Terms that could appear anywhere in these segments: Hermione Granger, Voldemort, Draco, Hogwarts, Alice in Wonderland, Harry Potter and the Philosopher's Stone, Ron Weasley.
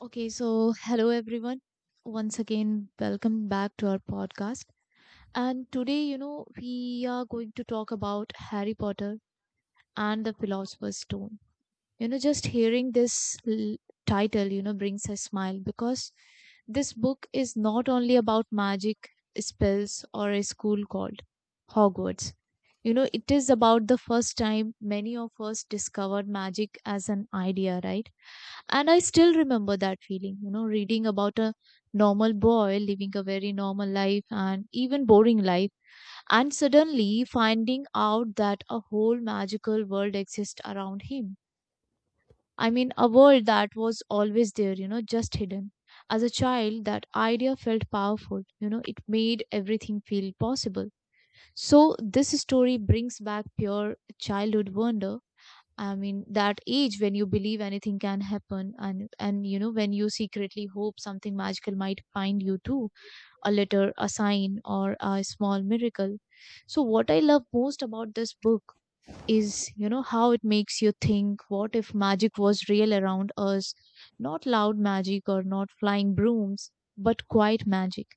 Okay, so hello everyone. Once again, welcome back to our podcast. And today, you know, we are going to talk about Harry Potter and the Philosopher's Stone. You know, just hearing this title, you know, brings a smile because this book is not only about magic, spells, or a school called Hogwarts. You know, it is about the first time many of us discovered magic as an idea, right? And I still remember that feeling, you know, reading about a normal boy living a very normal life and even boring life, and suddenly finding out that a whole magical world exists around him. I mean, a world that was always there, you know, just hidden. As a child, that idea felt powerful, you know, it made everything feel possible. So this story brings back pure childhood wonder. I mean, that age when you believe anything can happen, and you know when you secretly hope something magical might find you too, a letter, a sign, or a small miracle. So what I love most about this book is, you know, how it makes you think, what if magic was real around us, not loud magic or not flying brooms, but quiet magic,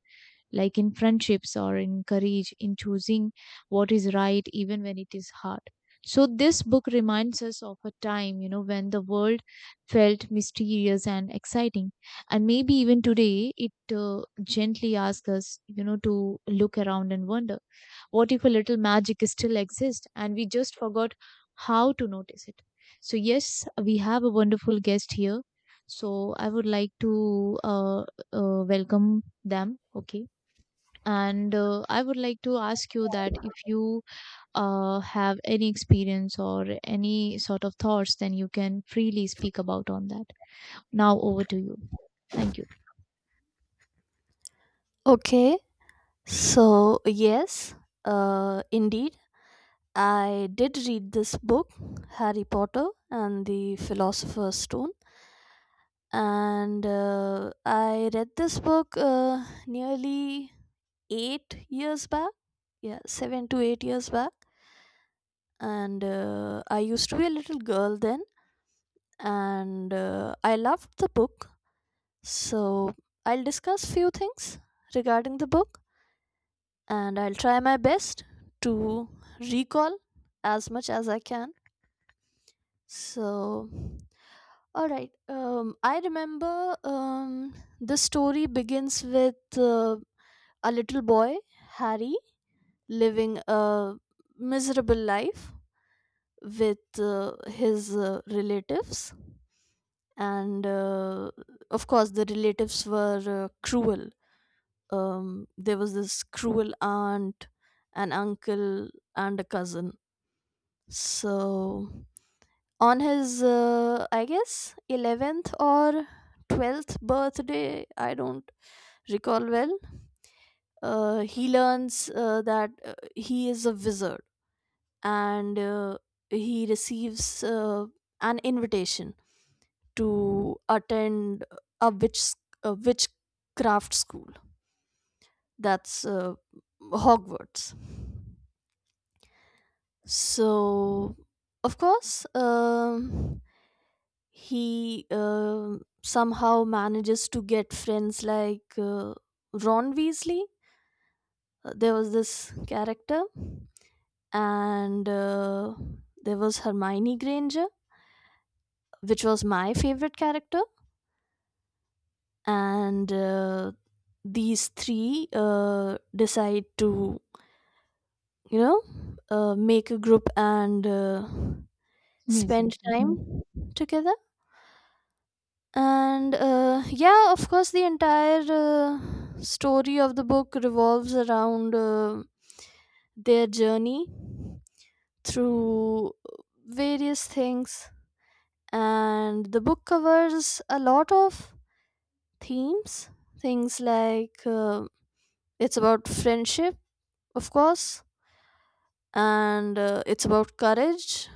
like in friendships or in courage, in choosing what is right, even when it is hard. So, this book reminds us of a time, you know, when the world felt mysterious and exciting. And maybe even today, it gently asks us, you know, to look around and wonder what if a little magic still exists and we just forgot how to notice it. So, yes, we have a wonderful guest here. So, I would like to welcome them. Okay. And I would like to ask you that if you have any experience or any sort of thoughts, then you can freely speak about on that. Now over to you. Thank you. Okay, so yes, indeed, I did read this book, Harry Potter and the Philosopher's Stone, and I read this book nearly 8 years back. Yeah, 7 to 8 years back, and I used to be a little girl then, and I loved the book. So I'll discuss few things regarding the book, and I'll try my best to recall as much as I can. So, all right. I remember, the story begins with a little boy, Harry, living a miserable life with his relatives. And of course, the relatives were cruel. There was this cruel aunt, an uncle, and a cousin. So, on his, I guess, 11th or 12th birthday, I don't recall well, he learns that he is a wizard, and he receives an invitation to attend a witch a witchcraft school, that's Hogwarts. So of course, he somehow manages to get friends like Ron Weasley. There was this character, and there was Hermione Granger, which was my favorite character. And these three decide to, you know, make a group, and Yes, spend yes. Mhm. time together and yeah, of course, the entire story of the book revolves around their journey through various things, and the book covers a lot of themes, things like, it's about friendship, of course, and it's about courage,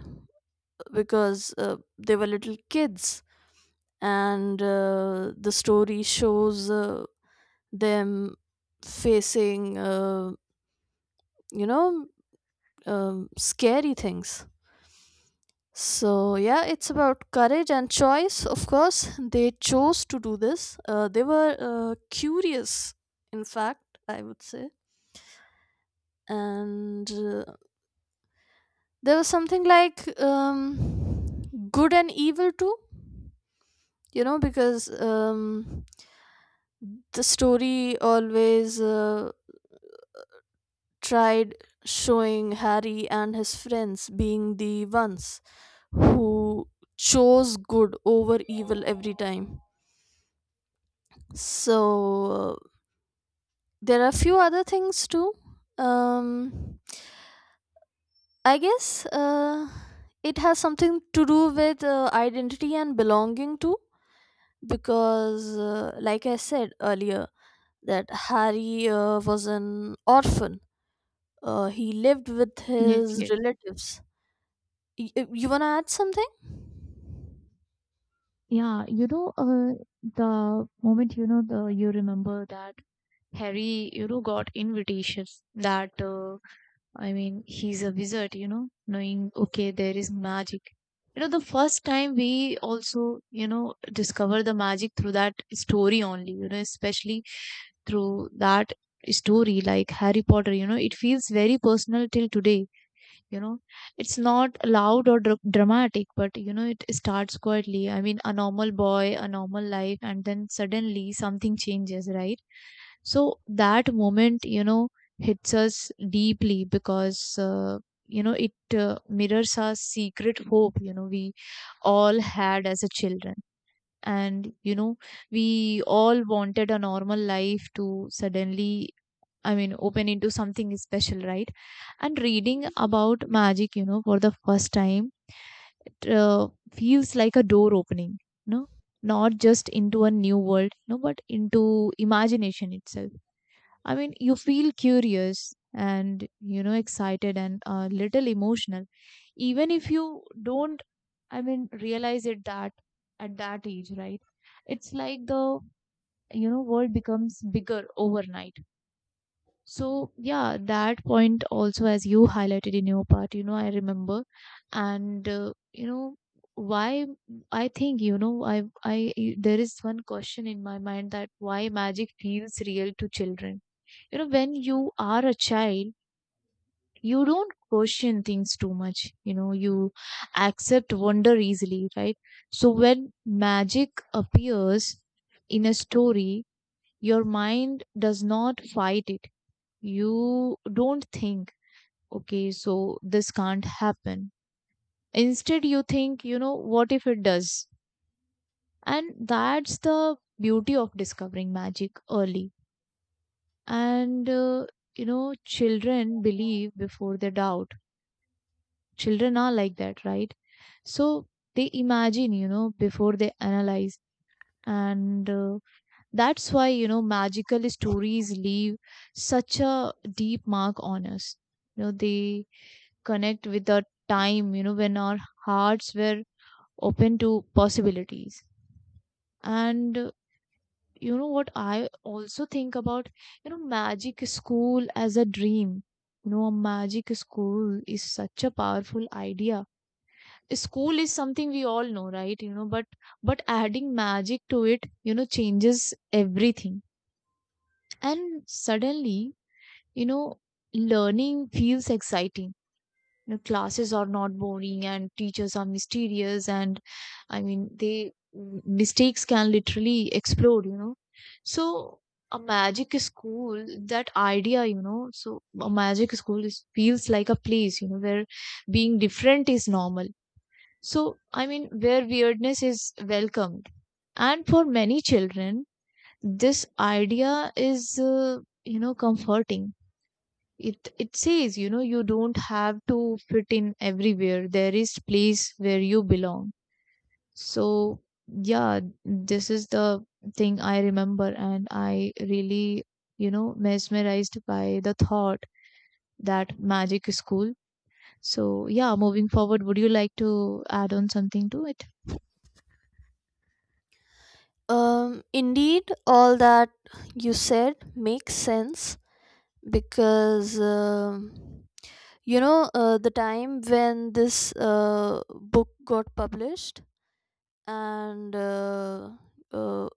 because they were little kids, and the story shows them facing, you know scary things. So yeah, it's about courage and choice. Of course they chose to do this. They were curious, in fact, I would say. And there was something like, good and evil too, you know, because, the story always tried showing Harry and his friends being the ones who chose good over evil every time. So there are a few other things too. Um, I guess it has something to do with identity and belonging too, because, like I said earlier, that Harry was an orphan. He lived with Yes, his yes. relatives. You want to add something? Yeah, you know, the moment, you know, the you remember that Harry, you know, got invitations that, I mean, he's a wizard, you know, knowing, okay, there is magic. You know, the first time we also, you know, discover the magic through that story only, you know, especially through that story, like Harry Potter, you know, it feels very personal till today, you know. It's not loud or dramatic, but you know it starts quietly. I mean, a normal boy, a normal life, and then suddenly something changes, right? So that moment, you know, hits us deeply because, you know, it mirrors our secret hope, you know, we all had as a children. And you know, we all wanted a normal life to suddenly, I mean, open into something special, right? And reading about magic, you know, for the first time, it feels like a door opening, you know, not just into a new world, you know, but into imagination itself. I mean, you feel curious and, you know, excited and a little emotional, even if you don't, I mean, realize it that at that age, right? It's like the, you know, world becomes bigger overnight. So yeah, that point also, as you highlighted in your part, you know, I remember, and you know, why, I think, you know, I there is one question in my mind that why magic feels real to children. You know, when you are a child, you don't question things too much. You know, you accept wonder easily, right? So when magic appears in a story, your mind does not fight it. You don't think, okay, so this can't happen. Instead, you think, you know, what if it does? And that's the beauty of discovering magic early. And, you know, children believe before they doubt. Children are like that, right? So they imagine, you know, before they analyze. And that's why, you know, magical stories leave such a deep mark on us. You know, they connect with the time, you know, when our hearts were open to possibilities. And you know what, I also think about, you know, magic school as a dream. You know, a magic school is such a powerful idea. School is something we all know, right? You know, but adding magic to it, you know, changes everything. And suddenly, you know, learning feels exciting. You know, classes are not boring and teachers are mysterious, and I mean, they, mistakes can literally explode, you know. So a magic school, that idea, you know, so a magic school is, feels like a place, you know, where being different is normal. So I mean, where weirdness is welcomed. And for many children, this idea is, you know, comforting. It says, you know, you don't have to fit in everywhere, there is place where you belong. So yeah, this is the thing I remember, and I really, you know, mesmerized by the thought that magic is cool. So yeah, moving forward, would you like to add on something to it? Indeed, all that you said makes sense, because, you know, the time when this book got published and uh,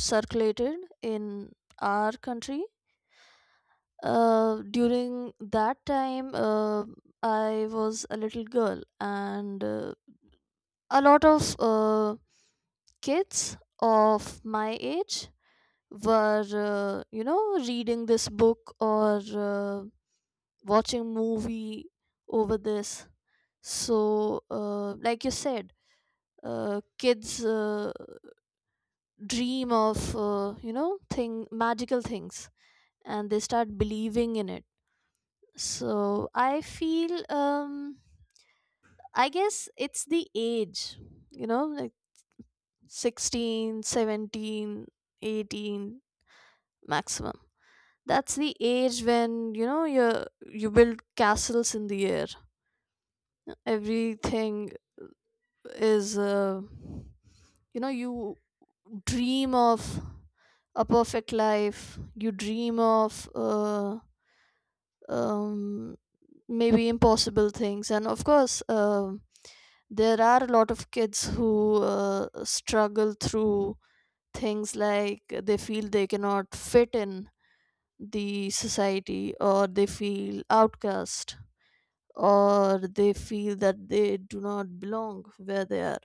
circulated in our country. During that time, I was a little girl, and a lot of kids of my age were, you know, reading this book or watching movie over this. So like you said, kids dream of, you know, thing magical things, and they start believing in it. So I feel, I guess it's the age, you know. 16, 17, 18, maximum, that's the age when, you know, you build castles in the air. Everything is, you know, you dream of a perfect life, you dream of, um, maybe impossible things. And of course, there are a lot of kids who struggle through things, like they feel they cannot fit in the society, or they feel outcast, or they feel that they do not belong where they are.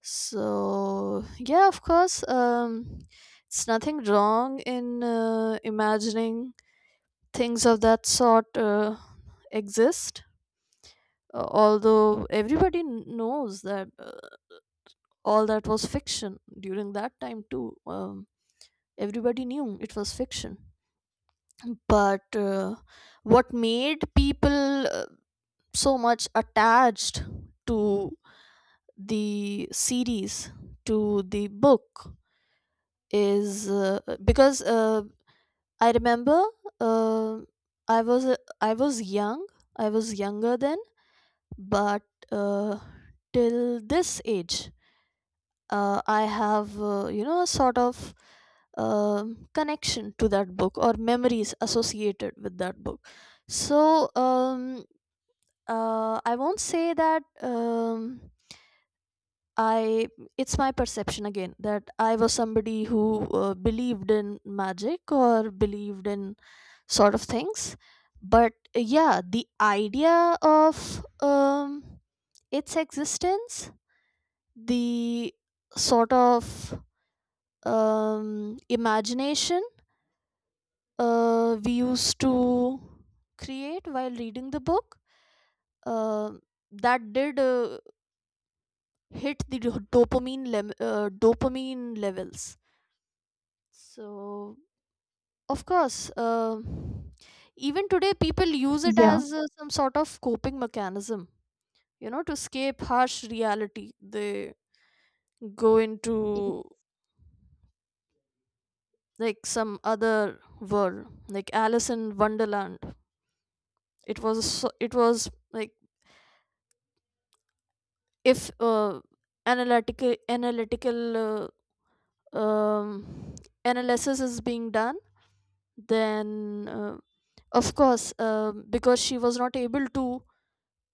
So yeah, of course, it's nothing wrong in imagining things of that sort exist. Although everybody knows that, all that was fiction, during that time too, everybody knew it was fiction. But what made people so much attached to the series, to the book, is because I remember, uh, i was uh, i was young I was younger then. But uh, till this age, I have, you know, a sort of connection to that book, or memories associated with that book. So I won't say that, I it's my perception again that I was somebody who believed in magic, or believed in sort of things. But yeah, the idea of, its existence, the sort of imagination we used to create while reading the book, uh, that did hit the dopamine dopamine levels. So, of course, even today, people use it Yeah. as some sort of coping mechanism, to escape harsh reality. They go y- into like some other world, like Alice in Wonderland. It was, it was like, if analytical uh, um, analysis is being done, then, of course, because she was not able to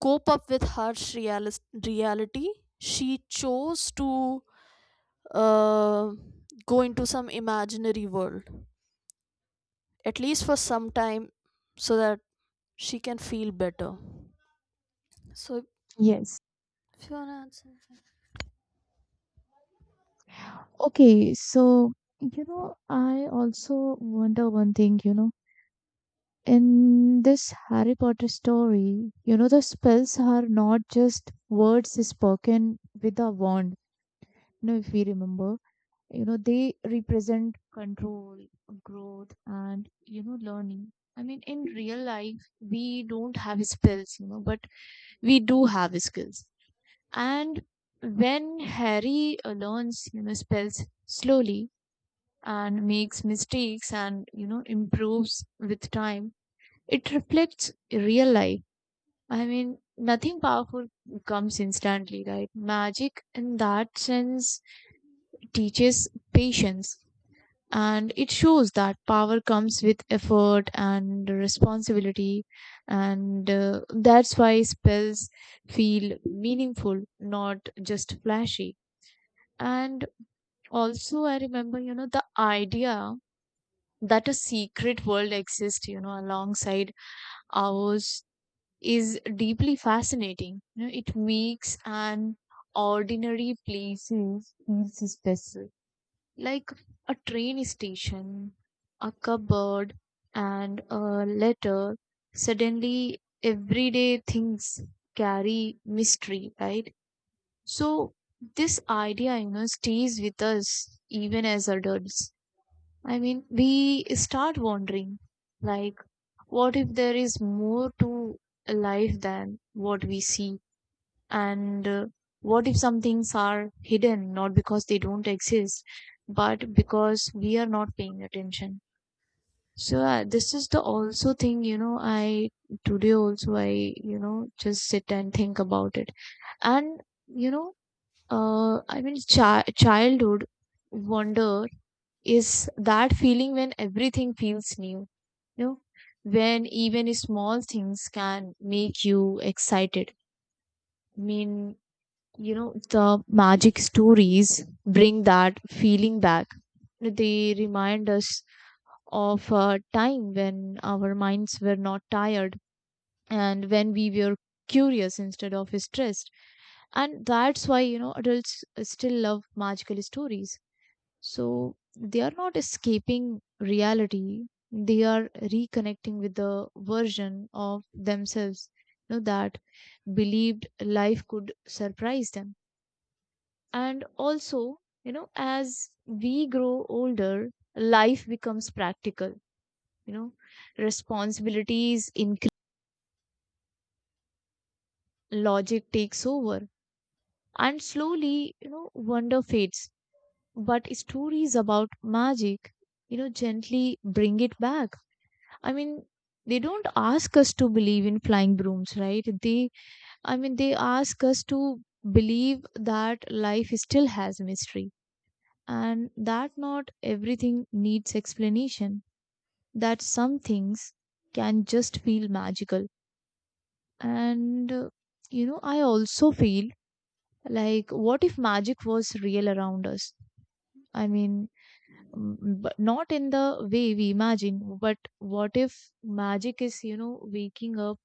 cope up with harsh reality, she chose to uh, go into some imaginary world, at least for some time, so that she can feel better. So, Yes. if you wanna answer. Okay. So, you know, I also wonder one thing, you know, in this Harry Potter story, you know, the spells are not just words spoken with a wand. You know, if we remember, you know, they represent control, growth, and, you know, learning. I mean, in real life, we don't have spells, you know, but we do have skills. And when Harry learns, you know, spells slowly and makes mistakes and, you know, improves with time, it reflects real life. I mean, nothing powerful comes instantly, right? Magic, in that sense, teaches patience, and it shows that power comes with effort and responsibility, and that's why spells feel meaningful, not just flashy. And also, I remember, you know, the idea that a secret world exists, you know, alongside ours is deeply fascinating. You know, it makes an ordinary places feel special, like a train station, a cupboard, and a letter. Suddenly, everyday things carry mystery, right? So this idea, you know, stays with us even as adults. I mean, we start wondering, like, what if there is more to life than what we see? And what if some things are hidden not because they don't exist, but because we are not paying attention? So this is the also thing, you know, I today also I, you know, just sit and think about it. And, you know, I mean, childhood wonder is that feeling when everything feels new, you know, when even small things can make you excited. I mean, you know, the magic stories bring that feeling back. They remind us of a time when our minds were not tired and when we were curious instead of stressed. And that's why, you know, adults still love magical stories. So they are not escaping reality, they are reconnecting with the version of themselves, you know, that believed life could surprise them. And also, you know, as we grow older, life becomes practical, you know, responsibilities increase, logic takes over, and slowly, you know, wonder fades. But stories about magic, you know, gently bring it back. I mean, they don't ask us to believe in flying brooms, right? They, I mean, they ask us to believe that life still has mystery and that not everything needs explanation, that some things can just feel magical. And, you know, I also feel like, what if magic was real around us? I mean, mm, but not in the way we imagine, but what if magic is, you know, waking up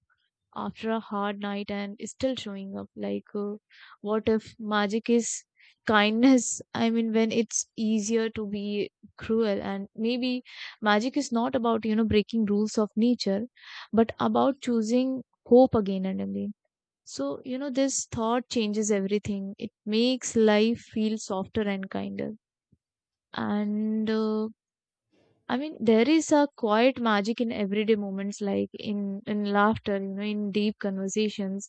after a hard night and still showing up, like, what if magic is kindness, I mean, when it's easier to be cruel? And maybe magic is not about, you know, breaking rules of nature, but about choosing hope again and again. So you know, this thought changes everything, it makes life feel softer and kinder. And I mean, there is a quiet magic in everyday moments, like in laughter, you know, in deep conversations,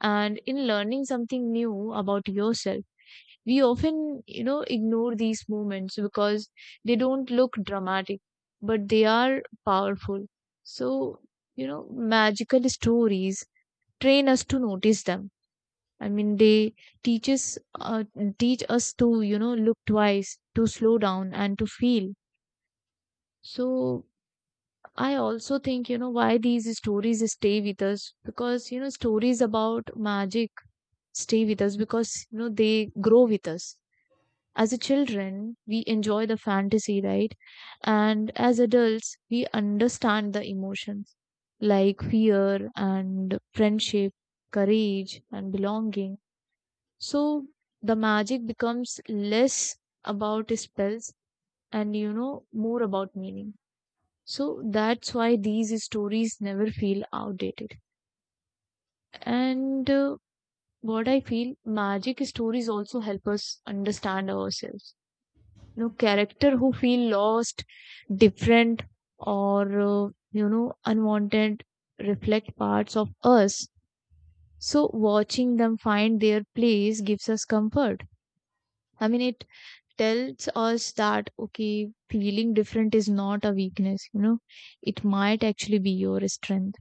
and in learning something new about yourself. We often, you know, ignore these moments because they don't look dramatic, but they are powerful. So, you know, magical stories train us to notice them. I mean, they teach us, uh, teach us to, you know, look twice, to slow down, and to feel. So, I also think, you know, why these stories stay with us, because, you know, stories about magic stay with us because, you know, they grow with us. As a children, we enjoy the fantasy, right? And as adults, we understand the emotions like fear and friendship, courage and belonging. So the magic becomes less about spells and, you know, more about meaning. So that's why these stories never feel outdated. And what I feel, magic stories also help us understand ourselves. You know, character who feel lost, different, or you know, unwanted reflect parts of us. So watching them find their place gives us comfort. I mean, it tells us that okay, feeling different is not a weakness. You know, it might actually be your strength.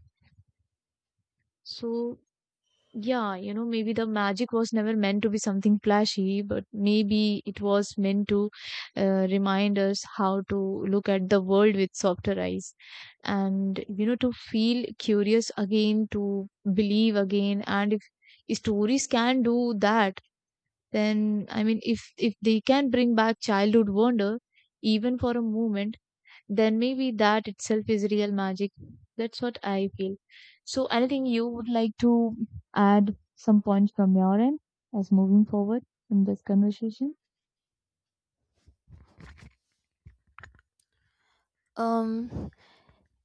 So yeah, you know, maybe the magic was never meant to be something flashy, but maybe it was meant to remind us how to look at the world with softer eyes and, you know, to feel curious again, to believe again. And if stories can do that, then I mean, if they can bring back childhood wonder, even for a moment, then maybe that itself is real magic. That's what I feel. So, anything you would like to add some points from your end as moving forward in this conversation? Um,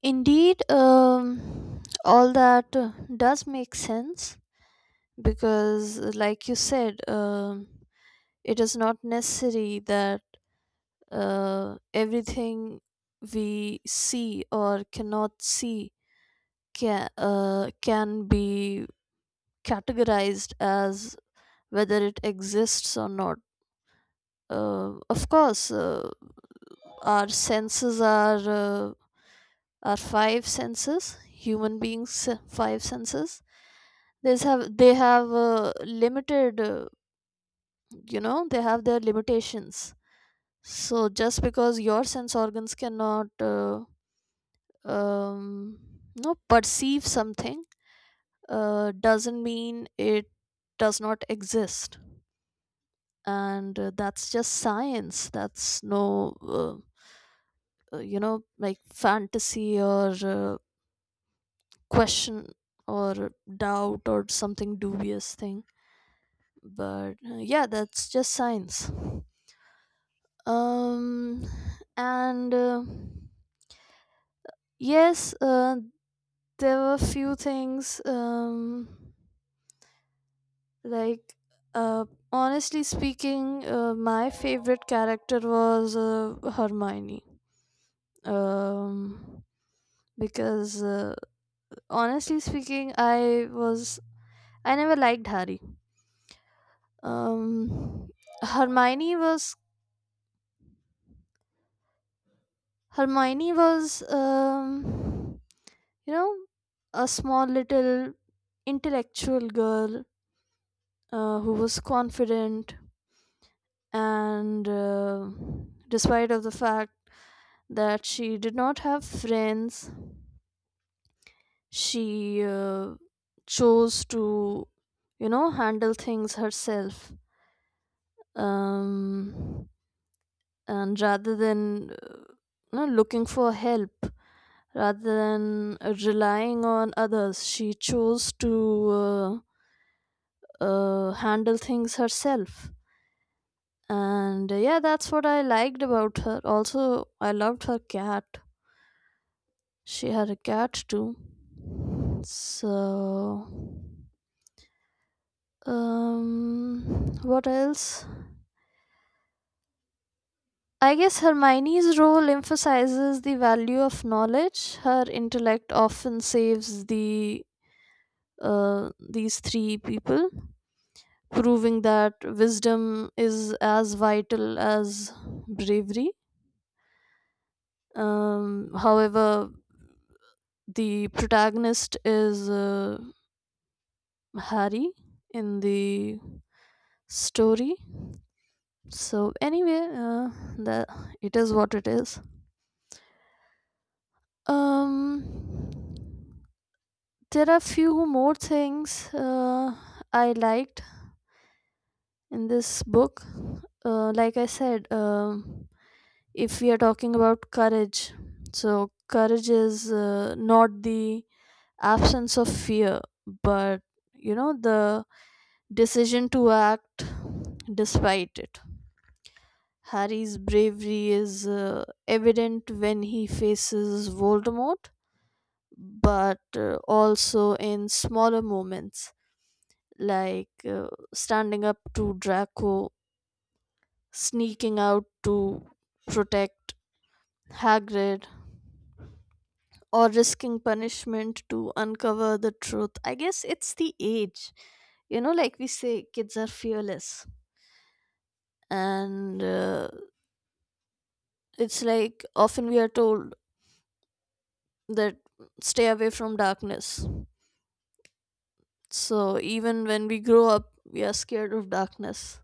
Indeed, all that does make sense, because, like you said, it is not necessary that everything we see or cannot see can be categorized as whether it exists or not. Of course, our senses are uh, our five senses. Human beings' five senses. They have limited. You know, they have their limitations. So just because your sense organs cannot um, no perceive something, doesn't mean it does not exist. And that's just science, that's no you know, like fantasy or question or doubt or something dubious thing. But yeah, that's just science. um and yes, there were few things, like, uh honestly speaking, my favorite character was Hermione. um because honestly speaking, I never liked Harry. um hermione was hermione was, you know, a small, little, intellectual girl, who was confident, and despite of the fact that she did not have friends, she chose to, you know, handle things herself. um and rather than, you know, looking for help, rather than relying on others, she chose to uh, handle things herself. And yeah, that's what I liked about her. Also I loved her cat. She had a cat too. So what else? I guess Hermione's role emphasizes the value of knowledge. Her intellect often saves these three people, proving that wisdom is as vital as bravery. However, the protagonist is Harry in the story. So anyway, that it is what it is. Um, there are few more things I liked in this book. Like I said, if we are talking about courage, so courage is not the absence of fear, but, you know, the decision to act despite it. Harry's bravery is evident when he faces Voldemort, but also in smaller moments like standing up to Draco, sneaking out to protect Hagrid, or risking punishment to uncover the truth. I guess it's the age. You know, like we say, kids are fearless. And it's like, often we are told that, stay away from darkness. So even when we grow up, we are scared of darkness.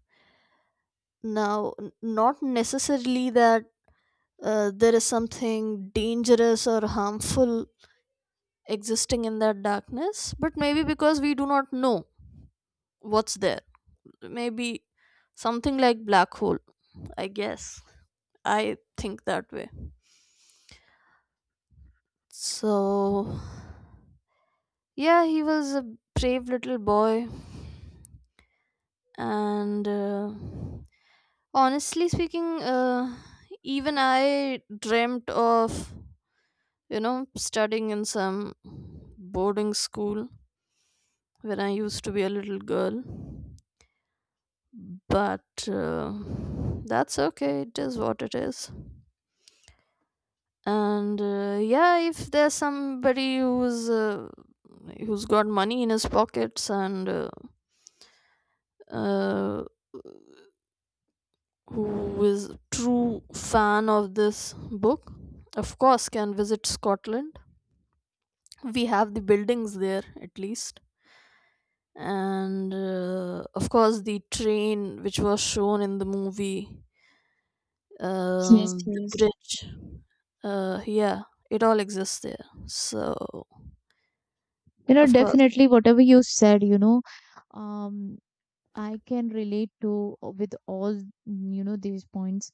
Now, not necessarily that there is something dangerous or harmful existing in that darkness, but maybe because we do not know what's there. Maybe something like black hole, I guess. I think that way. So yeah, he was a brave little boy, and honestly speaking, even I dreamt of, you know, studying in some boarding school when I used to be a little girl. But that's okay, it is what it is. And yeah, if there's somebody who's got money in his pockets, and uh, who is true fan of this book, of course can visit Scotland. We have the buildings there at least, and of course, the train which was shown in the movie, Yes, the please. bridge, yeah, it all exists there. So You know, of course, definitely whatever you said, you know, um, I can relate to with all, you know, these points.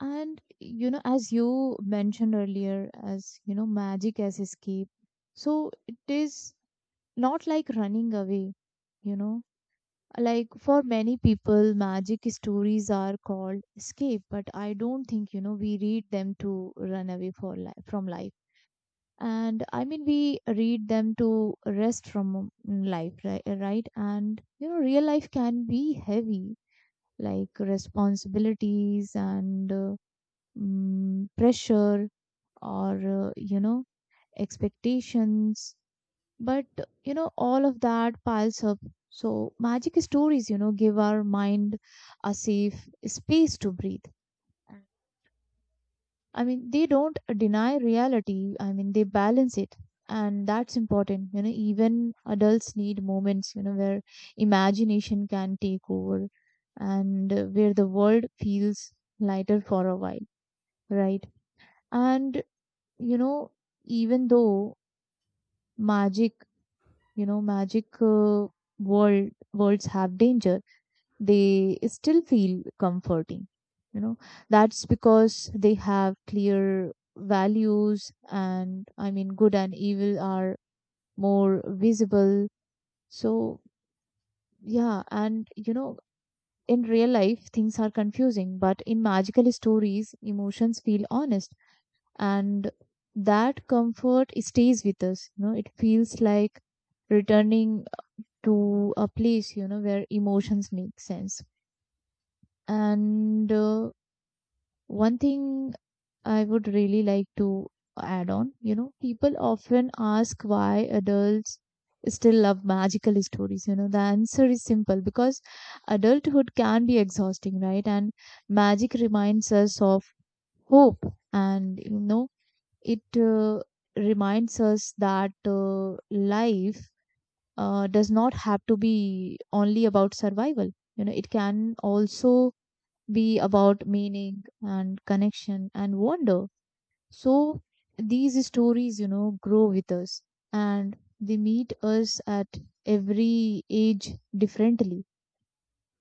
And, you know, as you mentioned earlier, as, you know, magic as escape. So it is not like running away, you know. Like for many people, magic stories are called escape, but I don't think, you know, we read them to run away for life from life. And I mean, we read them to rest from life, right? Right? And you know, real life can be heavy, like responsibilities and pressure, or you know, expectations, but you know, all of that piles up. So magic stories, you know, give our mind a safe space to breathe. I mean, they don't deny reality. I mean, they balance it. And that's important. You know, even adults need moments, you know, where imagination can take over and where the world feels lighter for a while, right? And, you know, even though magic, you know, magic uh, world worlds have danger, they still feel comforting. You know, that's because they have clear values, and I mean good and evil are more visible. So yeah, and you know, in real life things are confusing, but in magical stories emotions feel honest, and that comfort stays with us. You know, it feels like returning to a place, you know, where emotions make sense. And one thing I would really like to add on, you know, people often ask why adults still love magical stories. You know, the answer is simple, because adulthood can be exhausting, right? And magic reminds us of hope, and you know, it reminds us that life does not have to be only about survival. You know, it can also be about meaning and connection and wonder. So these stories, you know, grow with us, and they meet us at every age differently.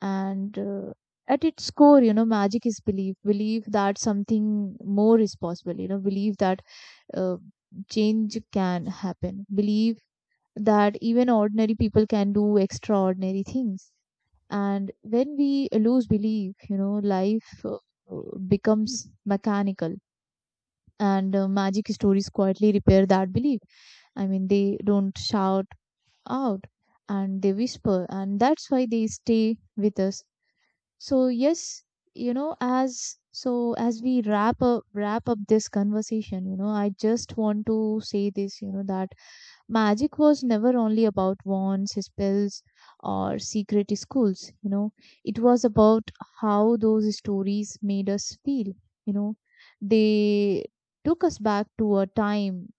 And at its core, you know, magic is belief, belief that something more is possible, you know, belief that uh, change can happen, belief that even ordinary people can do extraordinary things. And when we lose belief, you know, life becomes mechanical. And magic stories quietly repair that belief. I mean, they don't shout out, and they whisper, and that's why they stay with us. So, yes, you know, as, so as we wrap up this conversation, you know, I just want to say this, you know, that magic was never only about wands, spells, or secret schools. You know, it was about how those stories made us feel. You know, they took us back to a time,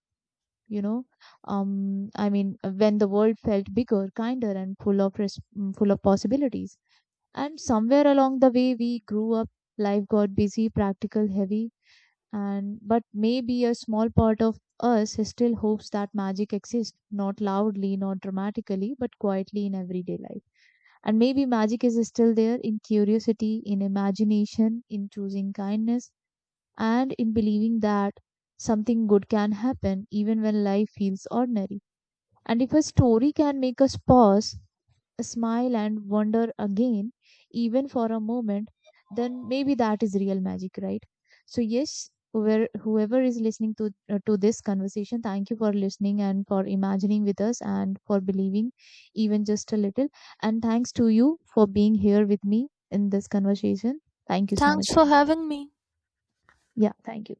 you know, I mean, when the world felt bigger, kinder, and full of possibilities. And somewhere along the way, we grew up. Life got busy, practical, heavy, and but maybe a small part of us still hopes that magic exists, not loudly, not dramatically, but quietly in everyday life. And maybe magic is still there, in curiosity, in imagination, in choosing kindness, and in believing that something good can happen even when life feels ordinary. And if a story can make us pause, smile, and wonder again, even for a moment, then maybe that is real magic, right? So, yes, whoever is listening to this conversation, thank you for listening and for imagining with us and for believing, even just a little. And thanks to you for being here with me in this conversation. Thank you so much. thanks for having me. Yeah, thank you.